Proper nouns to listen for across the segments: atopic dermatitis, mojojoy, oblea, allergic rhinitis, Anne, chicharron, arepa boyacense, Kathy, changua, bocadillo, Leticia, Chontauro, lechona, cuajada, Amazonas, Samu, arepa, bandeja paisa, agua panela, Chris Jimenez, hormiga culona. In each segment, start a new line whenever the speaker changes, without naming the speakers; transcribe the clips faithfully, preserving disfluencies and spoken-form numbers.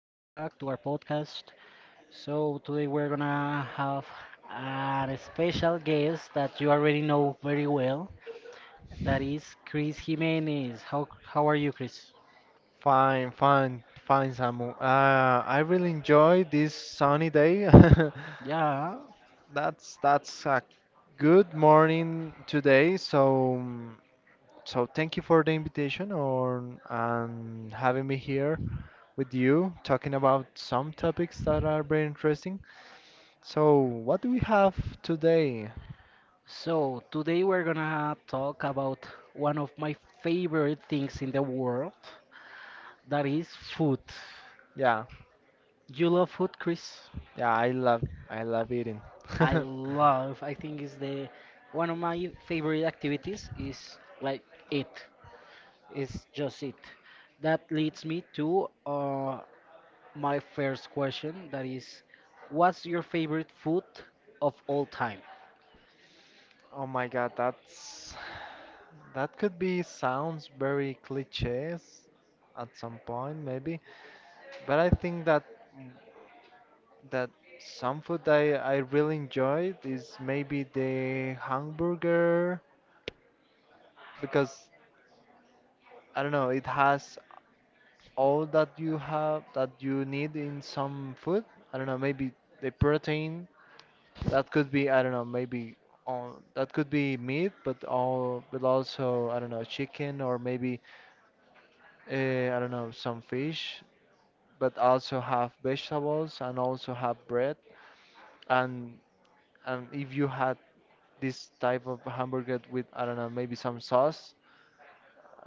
to our podcast. So, today we're gonna have a special guest that you already know very well. That is Chris Jimenez. How how are you, Chris?
Fine, fine, fine, Samu. Uh, I really enjoyed this sunny day.
Yeah.
That's that's a good morning today. So um, so thank you for the invitation or and having me here with you talking about some topics that are very interesting. So what do we have today?
So, today we're gonna talk about one of my favorite things in the world. That is food.
Yeah,
You love food, Chris?
yeah, I love I love eating.
I love. I think is the one of my favorite activities is like it. It's just it. That leads me to uh, my first question. That is, what's your favorite food of all time?
Oh my God, that's that could be sounds very cliches at some point maybe, but I think that that some food I I really enjoyed is maybe the hamburger because I don't know, it has all that you have that you need in some food. I don't know, maybe the protein that could be I don't know, maybe on that could be meat, but all but also I don't know, chicken or maybe Uh, I don't know, some fish, but also have vegetables and also have bread. And and if you had this type of hamburger with, I don't know, maybe some sauce,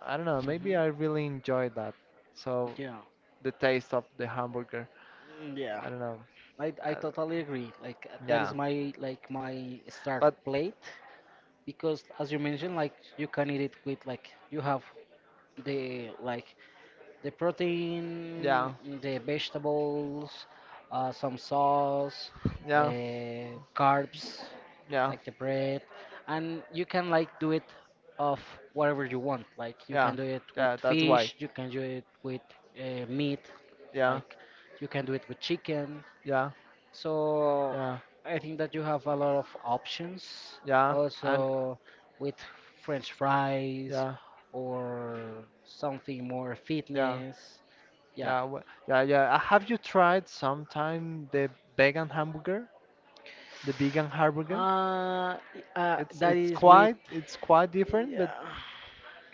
I don't know, maybe
Hmm.
I really enjoy that. So
Yeah.
the taste of the hamburger,
Mm, yeah.
I don't know.
I I
Uh,
totally agree. Like uh, that
yeah,
is my like my start
but
plate because as you mentioned, like you can eat it with like you have the like the
yeah,
protein, the vegetables, uh, some sauce,
yeah,
uh, carbs,
yeah,
like the bread, and you can like do it of whatever you want. Like you
yeah,
can do it with
yeah, that's why.
fish, you can do it with uh, meat,
Yeah,
like you can do it with chicken.
yeah,
So
yeah,
I think that you have a lot of options.
yeah, and
Also with French fries
yeah,
or something more
yeah.
fitness. Yeah.
Yeah, wha- yeah, yeah. Uh, Have you tried sometime the vegan hamburger, the vegan hamburger?
Uh, uh,
It's
that
it's
is with.
quite it's quite
Yeah.
different, but
Yeah.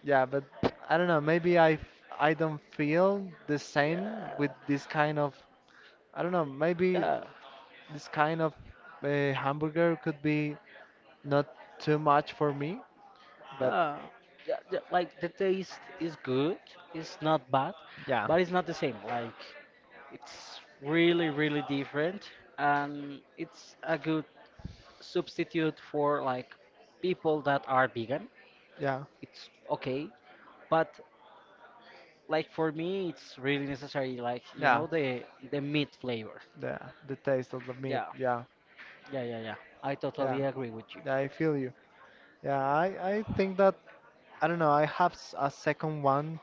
yeah, but I don't know. Maybe I f- I don't feel the same with
Yeah.
this kind of I don't know. Maybe
Yeah.
this kind of uh, hamburger could be not too much for me, but
Yeah, yeah, like the taste is good, it's not bad,
yeah,
but it's not the same. Like it's really, really different, and it's a good substitute for like people that are vegan.
yeah,
It's okay, but like for me, it's really necessary. Like you
yeah.
know the the meat flavor.
The the taste of the meat.
Yeah,
Yeah,
yeah, yeah, yeah. I
yeah,
totally agree with you.
yeah. I feel you. Yeah, I I think that. I don't know. I have s- a second one.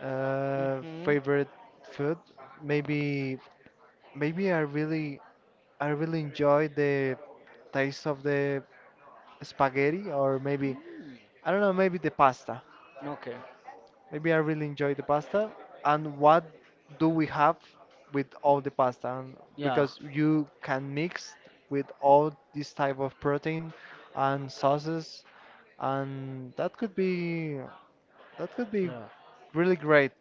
Uh,
Mm-hmm.
favorite food? Maybe, maybe, I really, I really enjoy the taste of the spaghetti, or maybe
Mm.
I don't know. Maybe the pasta.
Okay.
Maybe I really enjoy the pasta. And what do we have with all the pasta? And
Yeah.
because you can mix with all this type of protein and sauces, and that could be that could be
Yeah.
really great.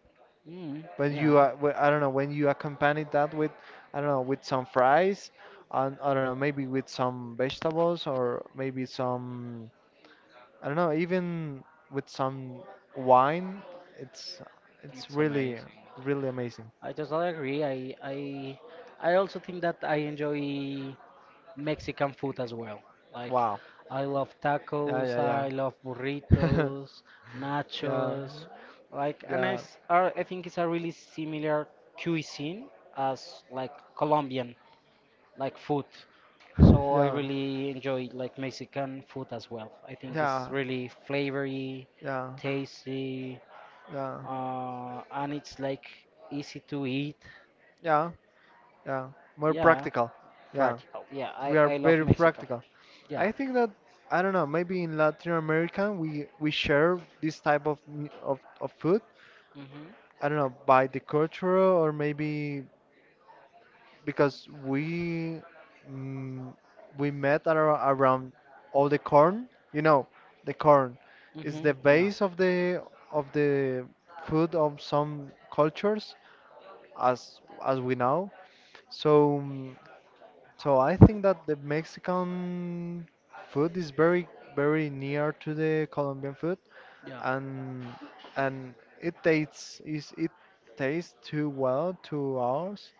Mm,
But
yeah.
you, uh, wh- I don't know, when you accompany that with, I don't know, with some fries, and I don't know, maybe with some vegetables or maybe some, I don't know, even with some wine, it's it's
It's
really
amazing.
really amazing.
I totally agree. I I I also think that I enjoy Mexican food as well. Like
Wow.
I love
Yeah,
tacos,
yeah,
I love
yeah.
burritos,
Yeah,
nachos. Like and I,
yeah,
s- are- I think it's a really similar cuisine as like Colombian like food.
yeah,
So I
yeah,
really enjoy like Mexican food as well. I think it's
yeah,
really flavory,
yeah,
tasty, uh, and it's like easy to eat.
yeah, yeah. More
Yeah,
practical. Yeah,
practical. Yeah, I,
we are
I love
very
Mexican
practical.
food. Yeah.
I think that I don't know. Maybe in Latin America we we share this type of mu- of of food.
Mhm.
I don't know by the culture or maybe because we mm, we met ar- around all the corn. You know, the corn is the
Mhm. Yeah.
base of the of the food of some cultures, as as we know. So. mm, So I think that the Mexican food is very, very near to the Colombian food,
Yeah.
and and it tastes is it tastes too well to ours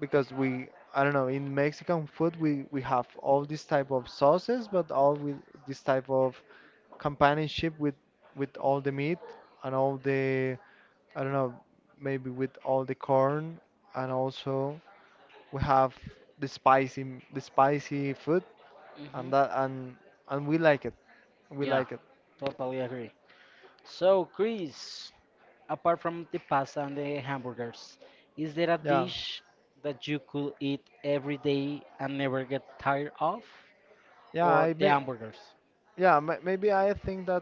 because we I don't know in Mexican food we we have all this type of sauces, but all with this type of companionship with with all the meat and all the I don't know maybe with all the corn and also we have the spicy the spicy food and
Mhm.
that and and we like it we
Yeah.
like it
Totally agree. So, Chris, apart from the pasta and the hamburgers, is there a
yeah
dish that you could eat every day and never get tired of?
yeah
Or
I
the
may
hamburgers.
yeah ma- maybe i think that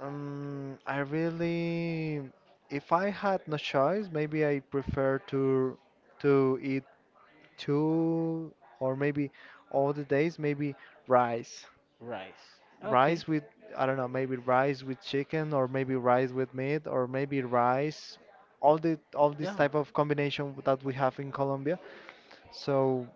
um i really if i had no choice maybe i prefer to to eat two or maybe all the days maybe rice.
Rice. Okay,
Rice with I don't know, maybe rice with chicken or maybe rice, with meat or maybe rice, all the all this
yeah,
type of combination that we have in Colombia. So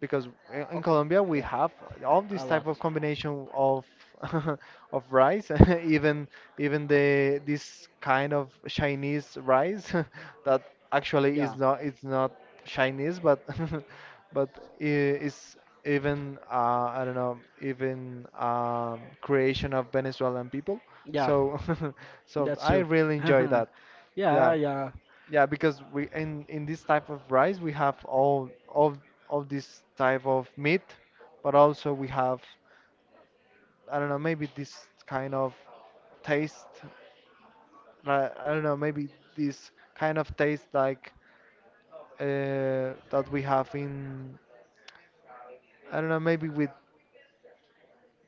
because i- in
okay,
Colombia we
yeah,
have all this
a
type
lot.
of combination of of rice, even even the this kind of Chinese rice that actually
Yeah,
is not it's not Chinese, but but I- is even uh, I don't know even um, creation of Venezuelan people.
yeah,
So so
that's
I
true.
really enjoy that.
yeah,
Yeah.
yeah,
Yeah, because we in in this type of rice we have all of of this type of meat, but also we have I don't know maybe this kind of taste. uh, I don't know maybe this kind of taste like uh, that we have in I don't know maybe with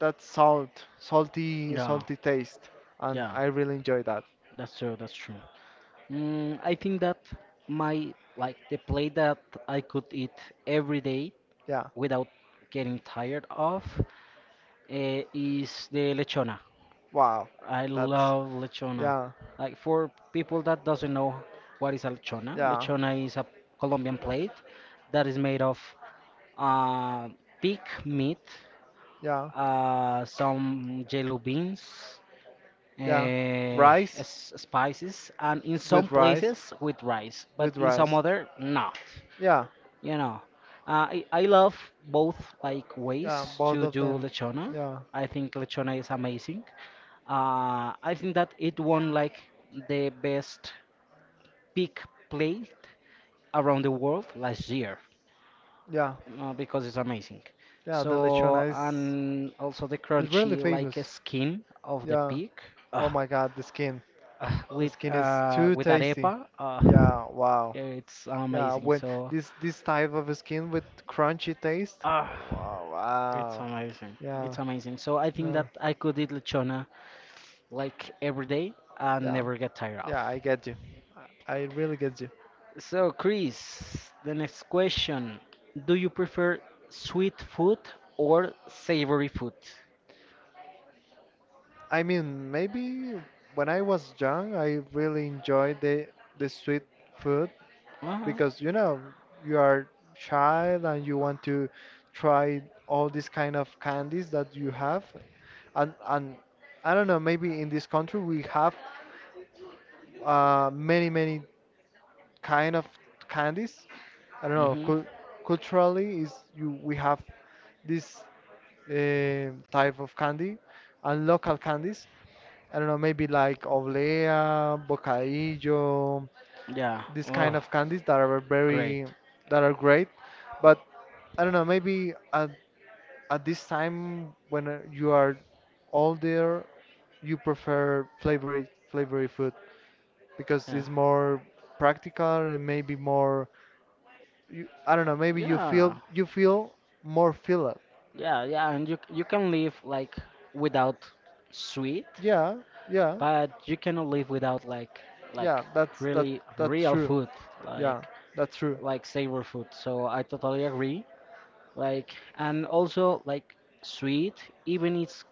that salt salty
yeah,
salty taste, and
yeah,
I really enjoy that.
that's true, that's true. Mm, I think that my, like, the plate that I could eat every day
Yeah.
without getting tired of uh, is the lechona.
Wow.
I
That's
love lechona.
yeah,
Like for people that doesn't know what is a lechona,
yeah,
lechona is a Colombian plate that is made of uh, pig meat,
yeah,
uh, some jello beans, uh,
yeah, rice
s- spices, and in some
with rice.
places with rice, but
With
in some
rice.
other not.
Yeah,
You know, uh, I, I love both like
yeah,
ways
both
to
of
do
them.
lechona.
Yeah,
I think lechona is amazing. Uh, I think that it won like the best pig plate around the world last year
yeah,
uh, because it's amazing.
yeah. The
So
lechona is,
and also the
is really
crunchy like uh,
famous.
skin of the
Yeah.
pig
Oh
uh,
my God, the skin.
uh,
The
with
skin is
uh,
too
with
tasty.
arepa, uh,
Yeah. Wow.
it's
Yeah.
amazing.
When
So
this this type of skin with crunchy taste.
ah,
Wow.
it's
Wow.
amazing.
Yeah.
It's amazing. So I think
Yeah.
that I could eat lechona like every day and
Yeah.
never get tired of.
Yeah. I get you. I, I really get you.
So Chris, the next question. Do you prefer sweet food or savory food?
I mean, maybe when I was young, I really enjoyed the the sweet food
Uh-huh.
because you know you are child and you want to try all these kind of candies that you have and and I don't know maybe in this country we have uh, many many kind of candies I don't know
Mm-hmm.
cul culturally is you we have this eh, type of candy and local candies I don't know maybe like oblea bocadillo
Yeah.
this kind
Oh,
of candies that are
great.
very that are great but i don't know maybe at, at this time when uh, you are older you prefer flavory flavory food because
Yeah.
it's more practical and maybe more you, I don't know maybe you feel
Yeah.
you feel more fill up
Yeah, yeah, and you you can live like without sweet,
yeah, yeah,
but you cannot live without like
yeah,
like
that's that
really
that's
real
true,
food. Like
yeah, that's true,
like savor food. So I totally agree. Like and also like sweet, even it's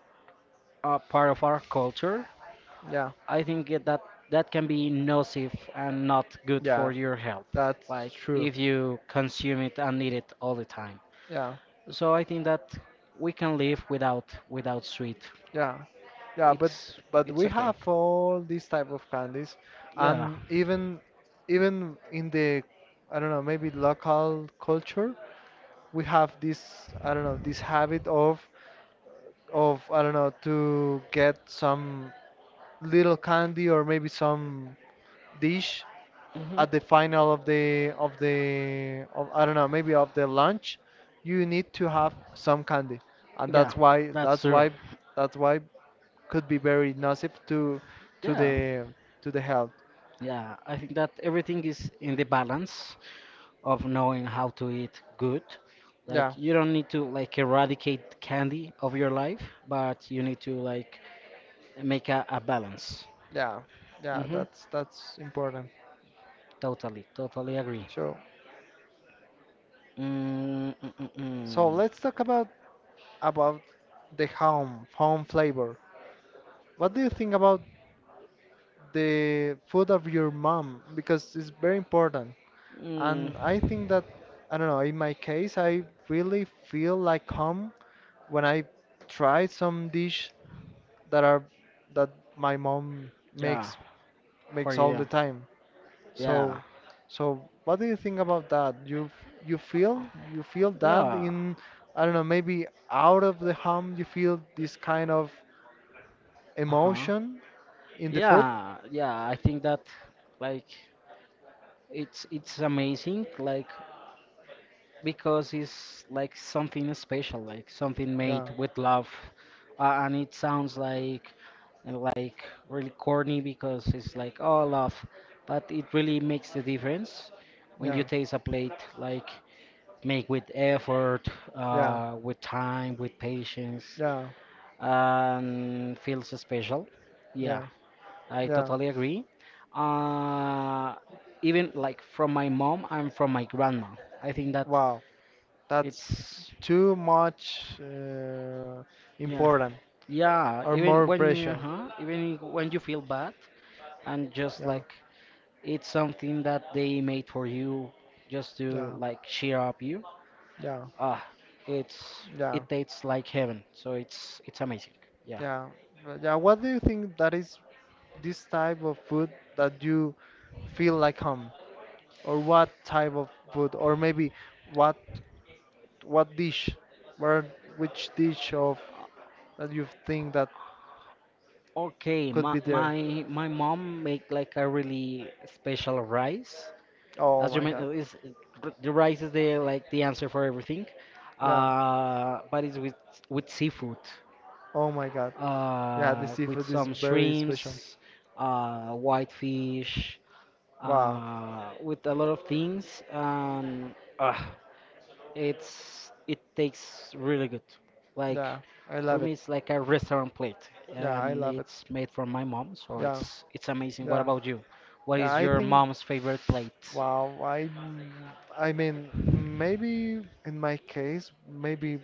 a part of our culture.
yeah,
I think it- that that can be nocive and not good for
yeah,
your health.
that's
Like
true,
if you consume it and eat it all the time.
yeah.
So I think that we can live without without sweet.
Yeah, yeah, but
It's
but
it's
we
okay.
have all these type of candies,
Yeah.
and even even in the I don't know maybe local culture, we have this I don't know this habit of of I don't know to get some little candy or maybe some dish
Hmm.
at the final of the of the of, I don't know maybe of the lunch you need to have some candy and
Yeah,
that's why
that's
that's
true.
why that's why could be very nocive to to
Yeah.
the to the health.
Yeah, I think that everything is in the balance of knowing how to eat good. Like
Yeah,
you don't need to like eradicate candy of your life, but you need to like make a, a balance.
yeah, yeah.
Mm-hmm.
That's that's important.
Totally, totally agree.
So
Mm, mm, mm,
so
mm.
let's talk about about the home home flavor. What do you think about the food of your mom? Because it's very important.
Mm,
And I think that I don't know. In my case, I really feel like home when I try some dish that are that my mom
yeah,
makes
for
makes all
you.
the time.
Yeah,
So, so what do you think about that? You f- you feel you feel that
yeah.
in I don't know maybe out of the home you feel this kind of
Uh-huh.
emotion in the food?
Yeah, yeah. I think that like it's it's amazing. Like because it's like something special, like something made
Yeah,
with love, uh, and it sounds like like really corny because it's like oh love, but it really makes the difference when you
yeah,
taste a plate like made with effort,
yeah,
uh, with time, with patience,
yeah,
and feels special. Yeah,
yeah,
I
yeah.
totally agree. Uh, Even like from my mom and from my grandma, I think that
Wow, that's
it's.
too much uh,
Yeah,
important
yeah.
or
Even
more
when you,
pressure.
huh? Even when you feel bad, and just
Yeah,
like it's something that they made for you, just to
yeah,
like cheer up you.
yeah,
Ah, it's
yeah,
it tastes like heaven. So it's it's amazing. Yeah.
yeah. But yeah, what do you think that is this type of food that you feel like home? Or what type of food? Or maybe what what dish? Where which dish of that you think that
Okay,
could
my
be there?
my my mom make like a really special rice.
Oh
As you
my God.
mentioned, is the rice is the like the answer for everything.
Yeah.
Uh, but it's with with seafood,
Oh my God. Yeah, the
uh, with
seafood is
some
very special.
shrimps, uh, whitefish,
Wow.
uh, with a lot of things, and uh, it's it tastes really good. Like
Yeah, I
for
love
me,
it.
it's like a restaurant plate,
Yeah, I
and
love it.
it's made from my mom, so
Yeah,
it's it's amazing. What
yeah,
about you? What
yeah.
is
I
your
think.
mom's favorite plate?
Wow. I. I mean, maybe in my case, maybe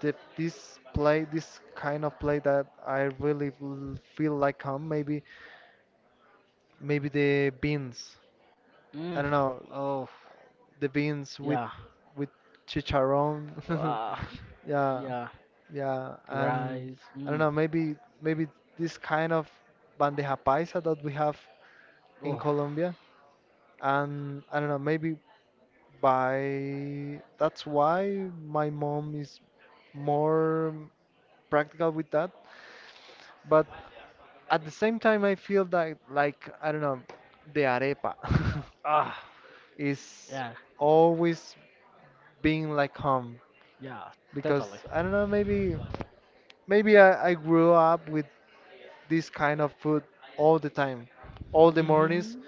the, this play, this kind of play that I really l- feel like home. Maybe, maybe, the beans. I
Mm,
don't know,
oh
the beans with
yeah,
with chicharron.
ah,
Yeah,
yeah,
yeah, and
rice.
I don't
Mm,
know. Maybe, maybe this kind of bandeja paisa that we have in
oh
Colombia, and I don't know. Maybe by that's why my mom is more practical with that. But at the same time, I feel that like I don't know, the arepa
ah,
is
yeah,
always being like home
yeah,
because
totally.
I don't know, maybe maybe I, I grew up with this kind of food all the time, all the mornings,
Hmm.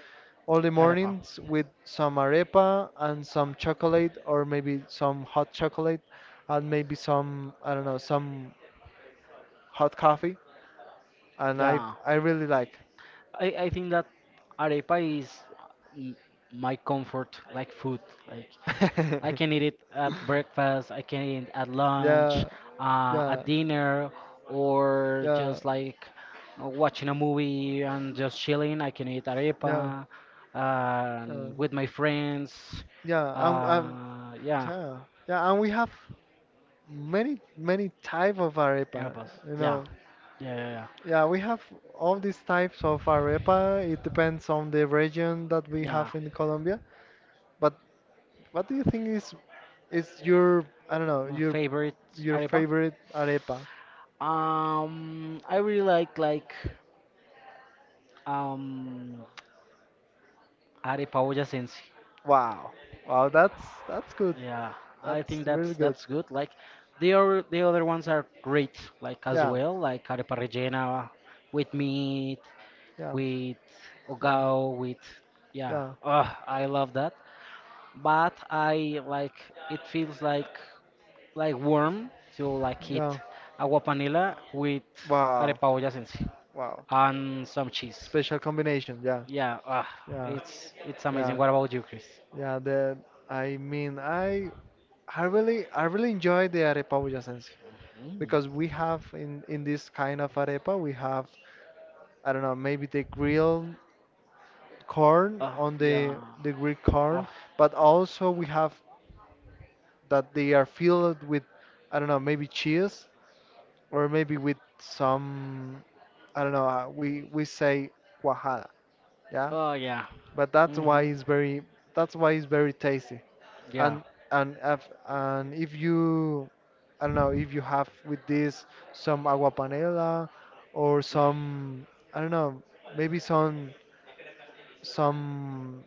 all the
Arepa.
mornings with some arepa and some chocolate or maybe some hot chocolate and maybe some I don't know, some hot coffee and I
Yeah,
I really like.
I, I think that arepa is m- my comfort like food. Like I can eat it at breakfast, I can eat it at lunch,
Yeah,
uh,
yeah,
at dinner, or
yeah,
just like uh, watching a movie and just chilling. I can eat
yeah.
arepa
Uh,
um, with my friends.
yeah, and, and
Uh, yeah,
yeah, yeah, and we have many many type of arepa.
arepas.
You
Yeah,
know,
yeah, yeah, yeah,
yeah, we have all these types of arepa. It depends on the region that we have
yeah.
in Colombia. But what do you think is is your I don't know
My
your
favorite
your
arepa.
favorite arepa?
Um, I really like like um Ari Paoja.
Wow, wow, that's that's good.
Yeah, I
That's
think
really
that's
good.
that's good. Like the other the other ones are great. Like as
Yeah,
well, like Arepa rellena with meat,
yeah,
with
yeah,
Ogao, with yeah.
yeah,
Oh, I love that. But I like it feels like like warm to like eat
yeah.
agua panela with
Wow,
Arepa olla Sensi
wow.
and some cheese.
Special combination. Yeah,
Yeah, ah,
yeah,
it's it's amazing.
yeah.
What about you, Chris?
Yeah, the I mean I I really I really enjoy the arepa boyacense
Mm.
because we have in in this kind of arepa we have, I don't know, maybe the grilled corn,
Oh,
on the
yeah.
the grilled
Oh,
corn, but also we have that they are filled with, I don't know, maybe cheese, or maybe with some, I don't know, uh, we we say cuajada, yeah,
oh yeah.
but that's why
Mm-hmm.
it's very, that's why it's very tasty.
Yeah.
And and if, and if you, I don't know, if you have with this some agua panela, or some, I don't know, maybe some some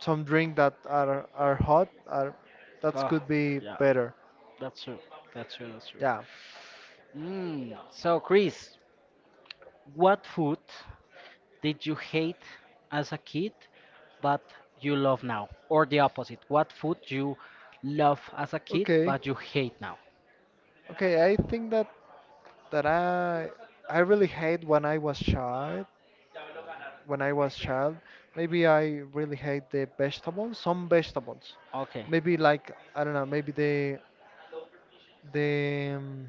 some drink that are are hot, are, that
Oh,
could be
yeah.
better.
That's true. That's true. That's true.
Yeah.
Mm. So, Chris, what food did you hate as a kid, but you love now? Or the opposite? What food you love as a kid,
Okay.
but you hate now?
Okay, I think that that I I really hate when I was child. When I was child, maybe I really hate the vegetables, some vegetables.
Okay.
Maybe, like, I don't know, maybe the the um,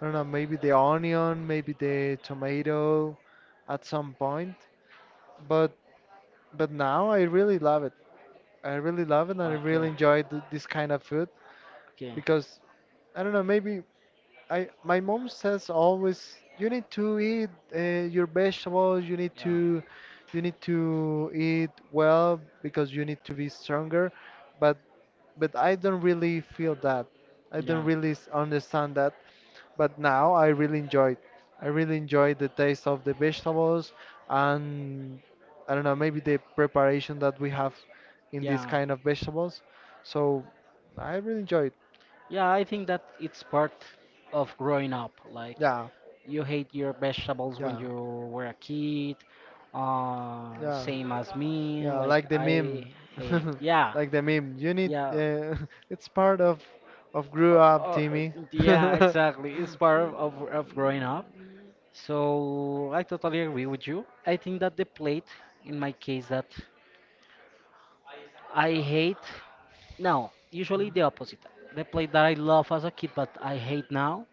I don't know, maybe the onion, maybe the tomato at some point. But but now I really love it. I really love it, and I
Okay.
really enjoy th this kind of food
Okay.
because, I don't know, maybe I, my mom says always, you need to eat, uh, your vegetables, you need
Yeah.
to, you need to eat well because you need to be stronger. But but I don't really feel that. I don't
Yeah.
really s- understand that, but now I really enjoy it. I really enjoy the taste of the vegetables, and, I don't know, maybe the preparation that we have in this
Yeah.
kind of vegetables. So I really enjoy it.
Yeah, I think that it's part of growing up. Like
Yeah,
you hate your vegetables when
yeah,
you were a kid, uh,
yeah,
same as me.
yeah,
Like
like the
I
meme.
hate it. Yeah,
Like the meme. You need
yeah,
uh, it's part of of
uh,
grew up,
uh,
Timmy.
yeah. Exactly. It's part of, of of growing up. So I totally agree with you. I think that the plate, in my case, that I hate. No, usually the opposite. The plate that I love as a kid, but I hate now,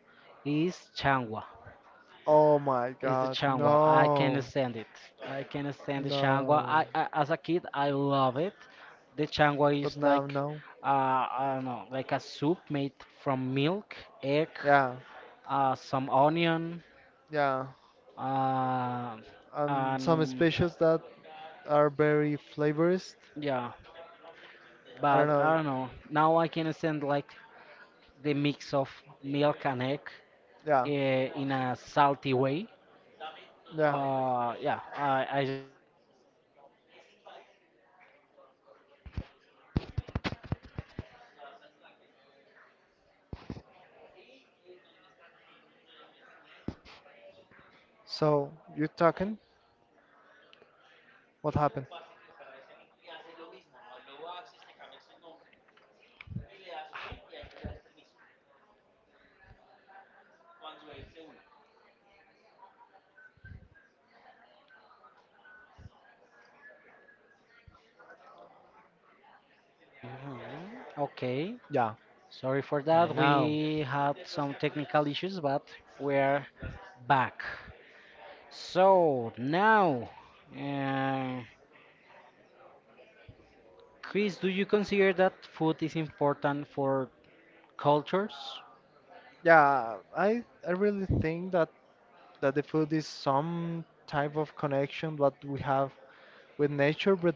is changua.
Oh my
It's the
God,
changua. I can't
no.
stand it. I can't stand the changua.
No.
I, I as a kid I love it. The changua
But
is
now,
like
no.
uh, I don't know, like a soup made from milk, egg,
Yeah.
uh, some onion,
Yeah,
uh,
and
and
some
um,
species that are very flavorist.
yeah.
I don't
But
know.
I don't know. Now I can stand like the mix of milk and egg
Yeah,
uh, in a salty way.
yeah.
Uh, yeah, I, I just I cannot stand it. But as kid, I love that food. I used to love that one.
So you're talking? What happened?
Hmm. Okay,
Yeah,
sorry for
uh,
that.
now,
We had some technical issues, but we're back. So now, uh, Chris, do you consider that food is important for cultures?
yeah. I I really think that that the food is some type of connection that we have with nature, but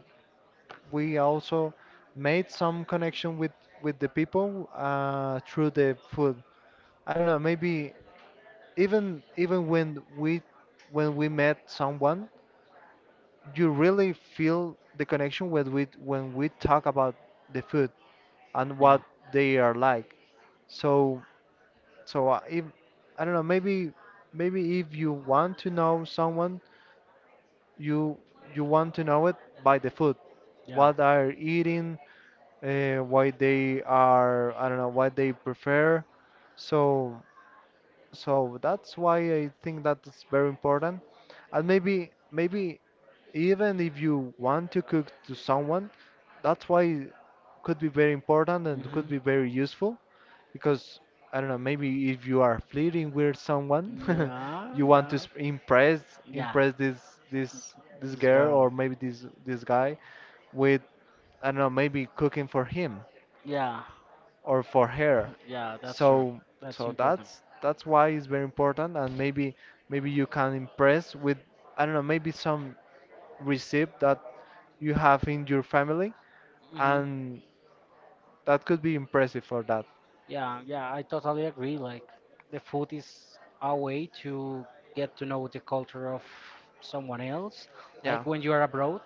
we also made some connection with with the people uh, through the food. I don't know. Maybe even even when we, when we met someone, you really feel the connection when we when we talk about the food and
Yeah,
what they are like. So so I- if, I don't know, maybe maybe if you want to know someone, you you want to know it by the food,
yeah.
what are eating, uh, why they are, I don't know what they prefer. So. So that's why I think that it's very important. And maybe maybe even if you want to cook to someone, that's why it could be very important and could
Hmm.
be very useful because, I don't know, maybe if you are flirting with someone,
Yeah,
you want to
yeah,
s- impress,
yeah.
impress this this this
This
girl or
girl.
maybe this this guy with, I don't know, maybe cooking for him
Yeah,
or for hair.
yeah. That's true.
So
That's
so
important.
that's that's why it's very important and maybe maybe you can impress with, I don't know, maybe some receipt that you have in your family,
Hmm.
and that could be impressive for that.
Yeah, yeah, I totally agree. Like, the food is a way to get to know the culture of someone else.
Yeah.
Like, when you are abroad,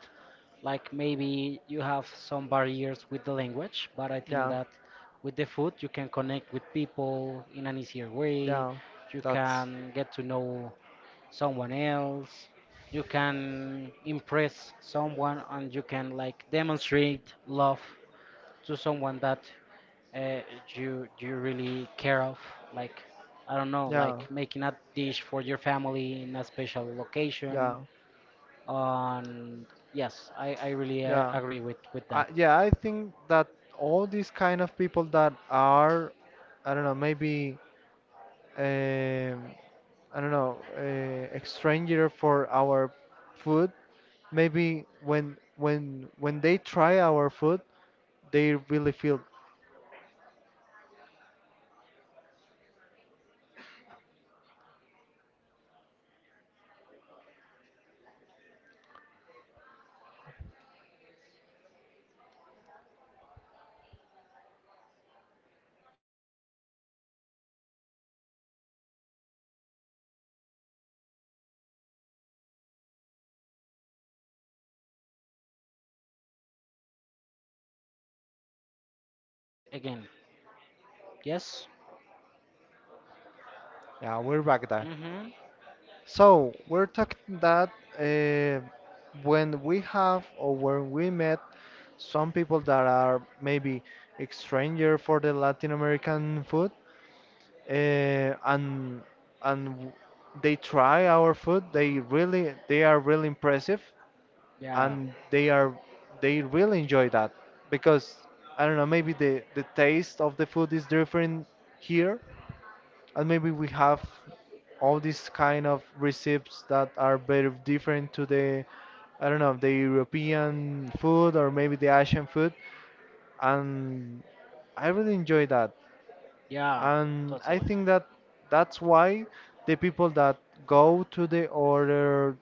like, maybe you have some barriers with the language, but I think
Yeah.
that with the food, you can connect with people in an easier way.
Yeah.
You
That's
can get to know someone else. You can impress someone, and you can, like, demonstrate love to someone that uh, you you really care of, like I don't know,
yeah.
like making a dish for your family in a special location
Yeah.
on. Yes, i i really uh,
Yeah.
agree with with
I,
that.
yeah, I think that all these kind of people that are, I don't know, maybe, um, I don't know, uh, a stranger for our food. Maybe when when when they try our food, they really feel,
Mm, okay, we are having some technical issues, like some internet connection issues, but I think that we are back again. Yes.
yeah, we're Baghdad.
Mm-hmm.
So we're talking that uh, when we have or when we met some people that are maybe a stranger for the Latin American food, uh, and and w- they try our food, they really, they are really impressive,
Yeah,
and they are, they really enjoy that because, I don't know, maybe the the taste of the food is different here, and maybe we have all these kind of recipes that are very different to the, I don't know, the European food or maybe the Asian food, and I really enjoy that,
yeah,
and I
totally.
think that that's why the people that go to the other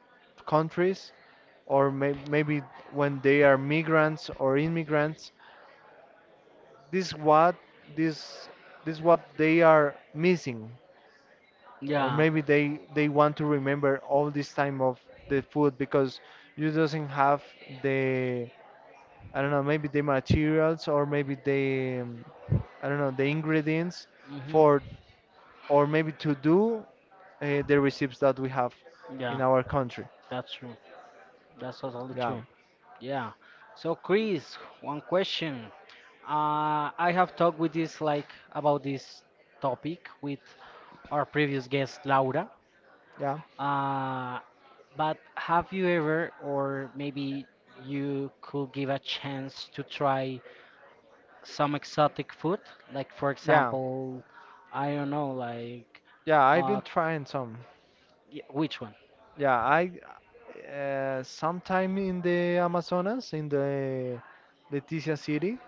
countries, or may maybe when they are migrants or immigrants, this what this this what they are missing, or
Yeah.
maybe they they want to remember all this time of the food because you doesn't have the, I don't know, maybe the materials or maybe the um, I don't know, the ingredients
Mm-hmm.
for, or maybe to do uh, the recipes that we have in
Yeah,
our country.
that's true, that's totally
Yeah,
true. Yeah. So Chris, one question. Uh, I have talked with this like about this topic with our previous guest Laura.
yeah,
Uh, but have you ever, or maybe you could give a chance to try some exotic food? Like for
yeah,
example, I don't know, like
yeah. I've been
uh,
trying some.
y- which one?
Yeah, I, uh, sometime in the Amazonas, in the Leticia city,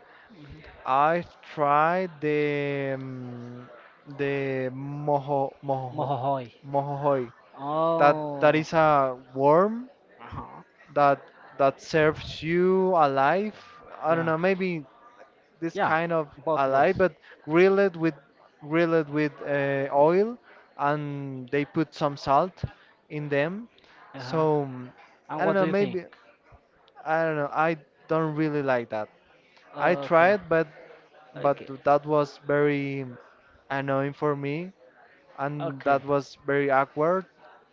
I've tried the um, the mojo mojo
Mohohoi.
mojojoy. That that
Oh.
is a worm
Uh-huh.
that that serves you alive. I don't
Yeah.
know, maybe this
Yeah.
kind of
Both
alive,
ways.
but grill it with grill it with uh, oil, and they put some salt in them.
Uh huh.
So, mm,
And
I don't
what
know.
do you think?
Maybe, I don't know. I don't really like that. I
Okay,
tried, but but
okay,
that was very annoying for me, and
okay.
that was very awkward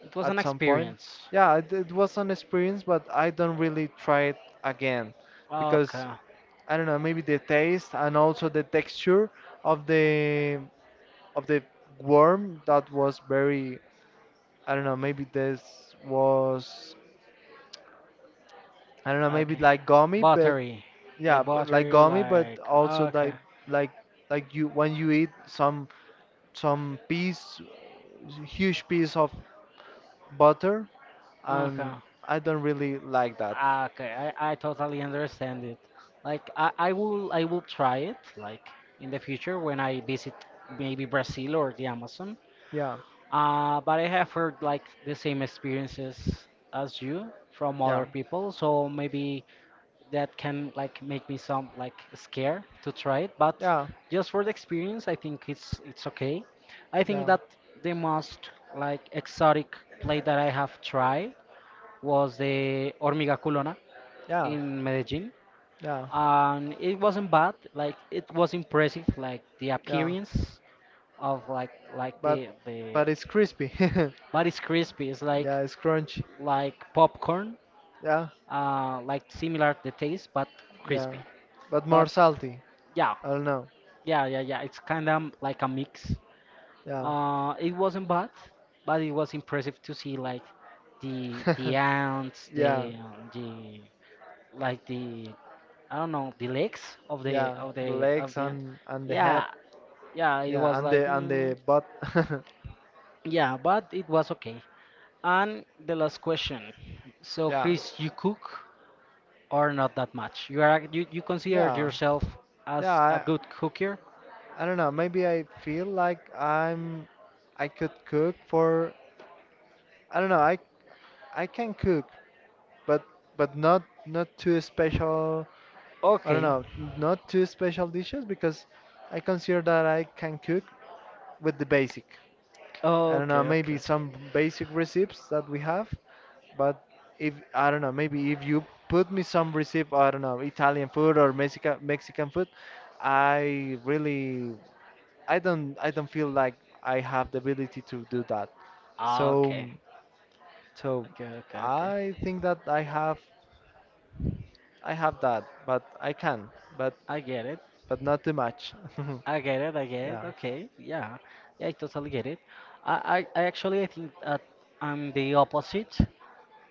It was an
at some point.
experience.
Yeah, it, it was an experience, but I don't really try it again because,
Okay,
I don't know, maybe the taste, and also the texture of the of the worm, that was very, I don't know, maybe this was, I don't know, maybe
okay.
like gummy, but
Buttery,
yeah,
like
b- like
buttery,
gummy, but
like
also
okay,
like, like like you when you eat some some piece huge piece of butter,
okay,
and I don't really like that.
okay. I, I totally understand it. Like I, I will I will try it like in the future when I visit maybe Brazil or the Amazon.
Yeah,
Uh, but I have heard like the same experiences as you from
yeah,
other people, so maybe that can like make me some like scared to try it, but
yeah,
just for the experience, I think it's it's okay. I think
yeah,
that the most like exotic play that I have tried was the hormiga culona
yeah,
in Medellin,
yeah,
and it wasn't bad. Like it was impressive, like the
yeah.
appearance of like like
But
the the
but it's crispy.
but it's crispy, it's like
Yeah, it's crunchy.
like popcorn,
Yeah,
uh like similar the taste, but
yeah,
crispy,
but more
but
salty.
yeah.
I don't know.
Yeah, yeah, yeah. It's kind of like a mix.
Yeah,
Uh, it wasn't bad, but it was impressive to see like the the ants,
yeah,
the um, the like the I don't know the legs of the
yeah.
of
The
the of
legs
the ant.
and and the head.
Yeah, yeah. It
Yeah,
was
and
like
the and
mm,
the butt.
yeah, but it was okay. And the last question. So
Yeah,
Chris, you cook or not that much? You are you, you consider
yeah,
yourself
yeah.
as a
I
good cooker?
I don't know. Maybe I feel like I'm, I could cook for, I don't know. I I can cook, but but not not too special. I don't
Okay,
know, not too special dishes because I consider that I can cook with the basic. I don't know,
okay,
maybe
okay.
some basic recipes that we have, but if, I don't know, maybe if you put me some recipe, I don't know, Italian food or Mexican Mexican food, I really, I don't, I don't feel like I have the ability to do that. So
Ah, okay.
so
Okay, okay, okay.
I think that I have, I have that, but I can, but
I get it.
but not too much.
I get it. I get it.
Yeah,
Okay. Yeah. Yeah, I totally get it. I, I, I actually I think that I'm the opposite.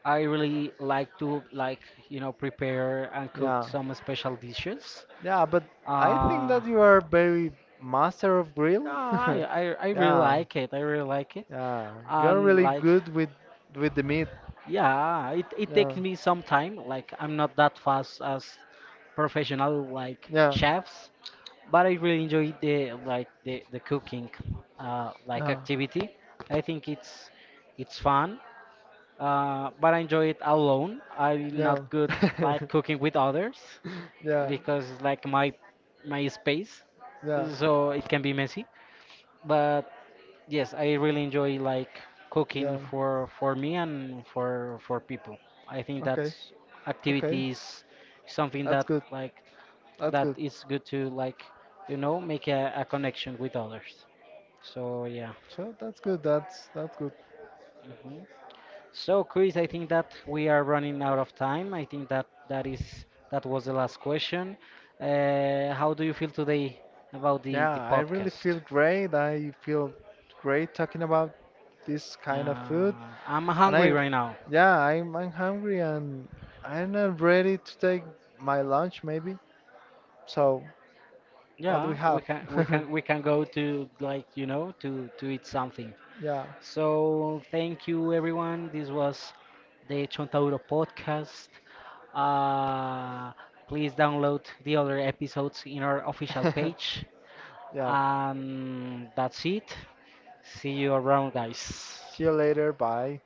I really like to like, you know, prepare and cook
yeah,
some special dishes.
yeah. But I think
Uh,
that you are very master of
yeah,
grill.
I, I, I really
Yeah,
like it. I really like it.
yeah. You are
And
really
like
good with with the meat.
yeah, it, it
Yeah,
takes me some time. Like I'm not that fast as professional like
yeah,
chefs, but I really enjoy the like the, the cooking uh, like
yeah,
activity. I think it's it's fun. Uh, but I enjoy it alone. I'm
yeah,
not good like cooking with others
yeah,
because it's like my my space,
yeah,
so it can be messy. But yes, I really enjoy like
yeah.
cooking for for me and for for people. I think
Okay,
that's
okay.
activity is something
That's
that
good.
like
That's
that
good.
is good to like you know make a, a connection with others. So yeah.
So that's good. That's that's good.
Mhm. So Chris, I think that we are running out of time. I think that that is that was the last question. Uh, how do you feel today about the
Yeah,
the
I really
podcast?
feel great. I feel great talking about this kind of food.
Uh, I'm
And
hungry
I,
right now.
yeah, I'm, I'm hungry, and I'm not ready to take my lunch maybe. So what do we
Yeah, we
have?
can we can we can go to like you know to to eat something.
yeah,
So thank you everyone. This was the Chontauro podcast. Uh, Please download the other episodes in our official page.
yeah.
And that's it. See you around, guys.
See you later. Bye.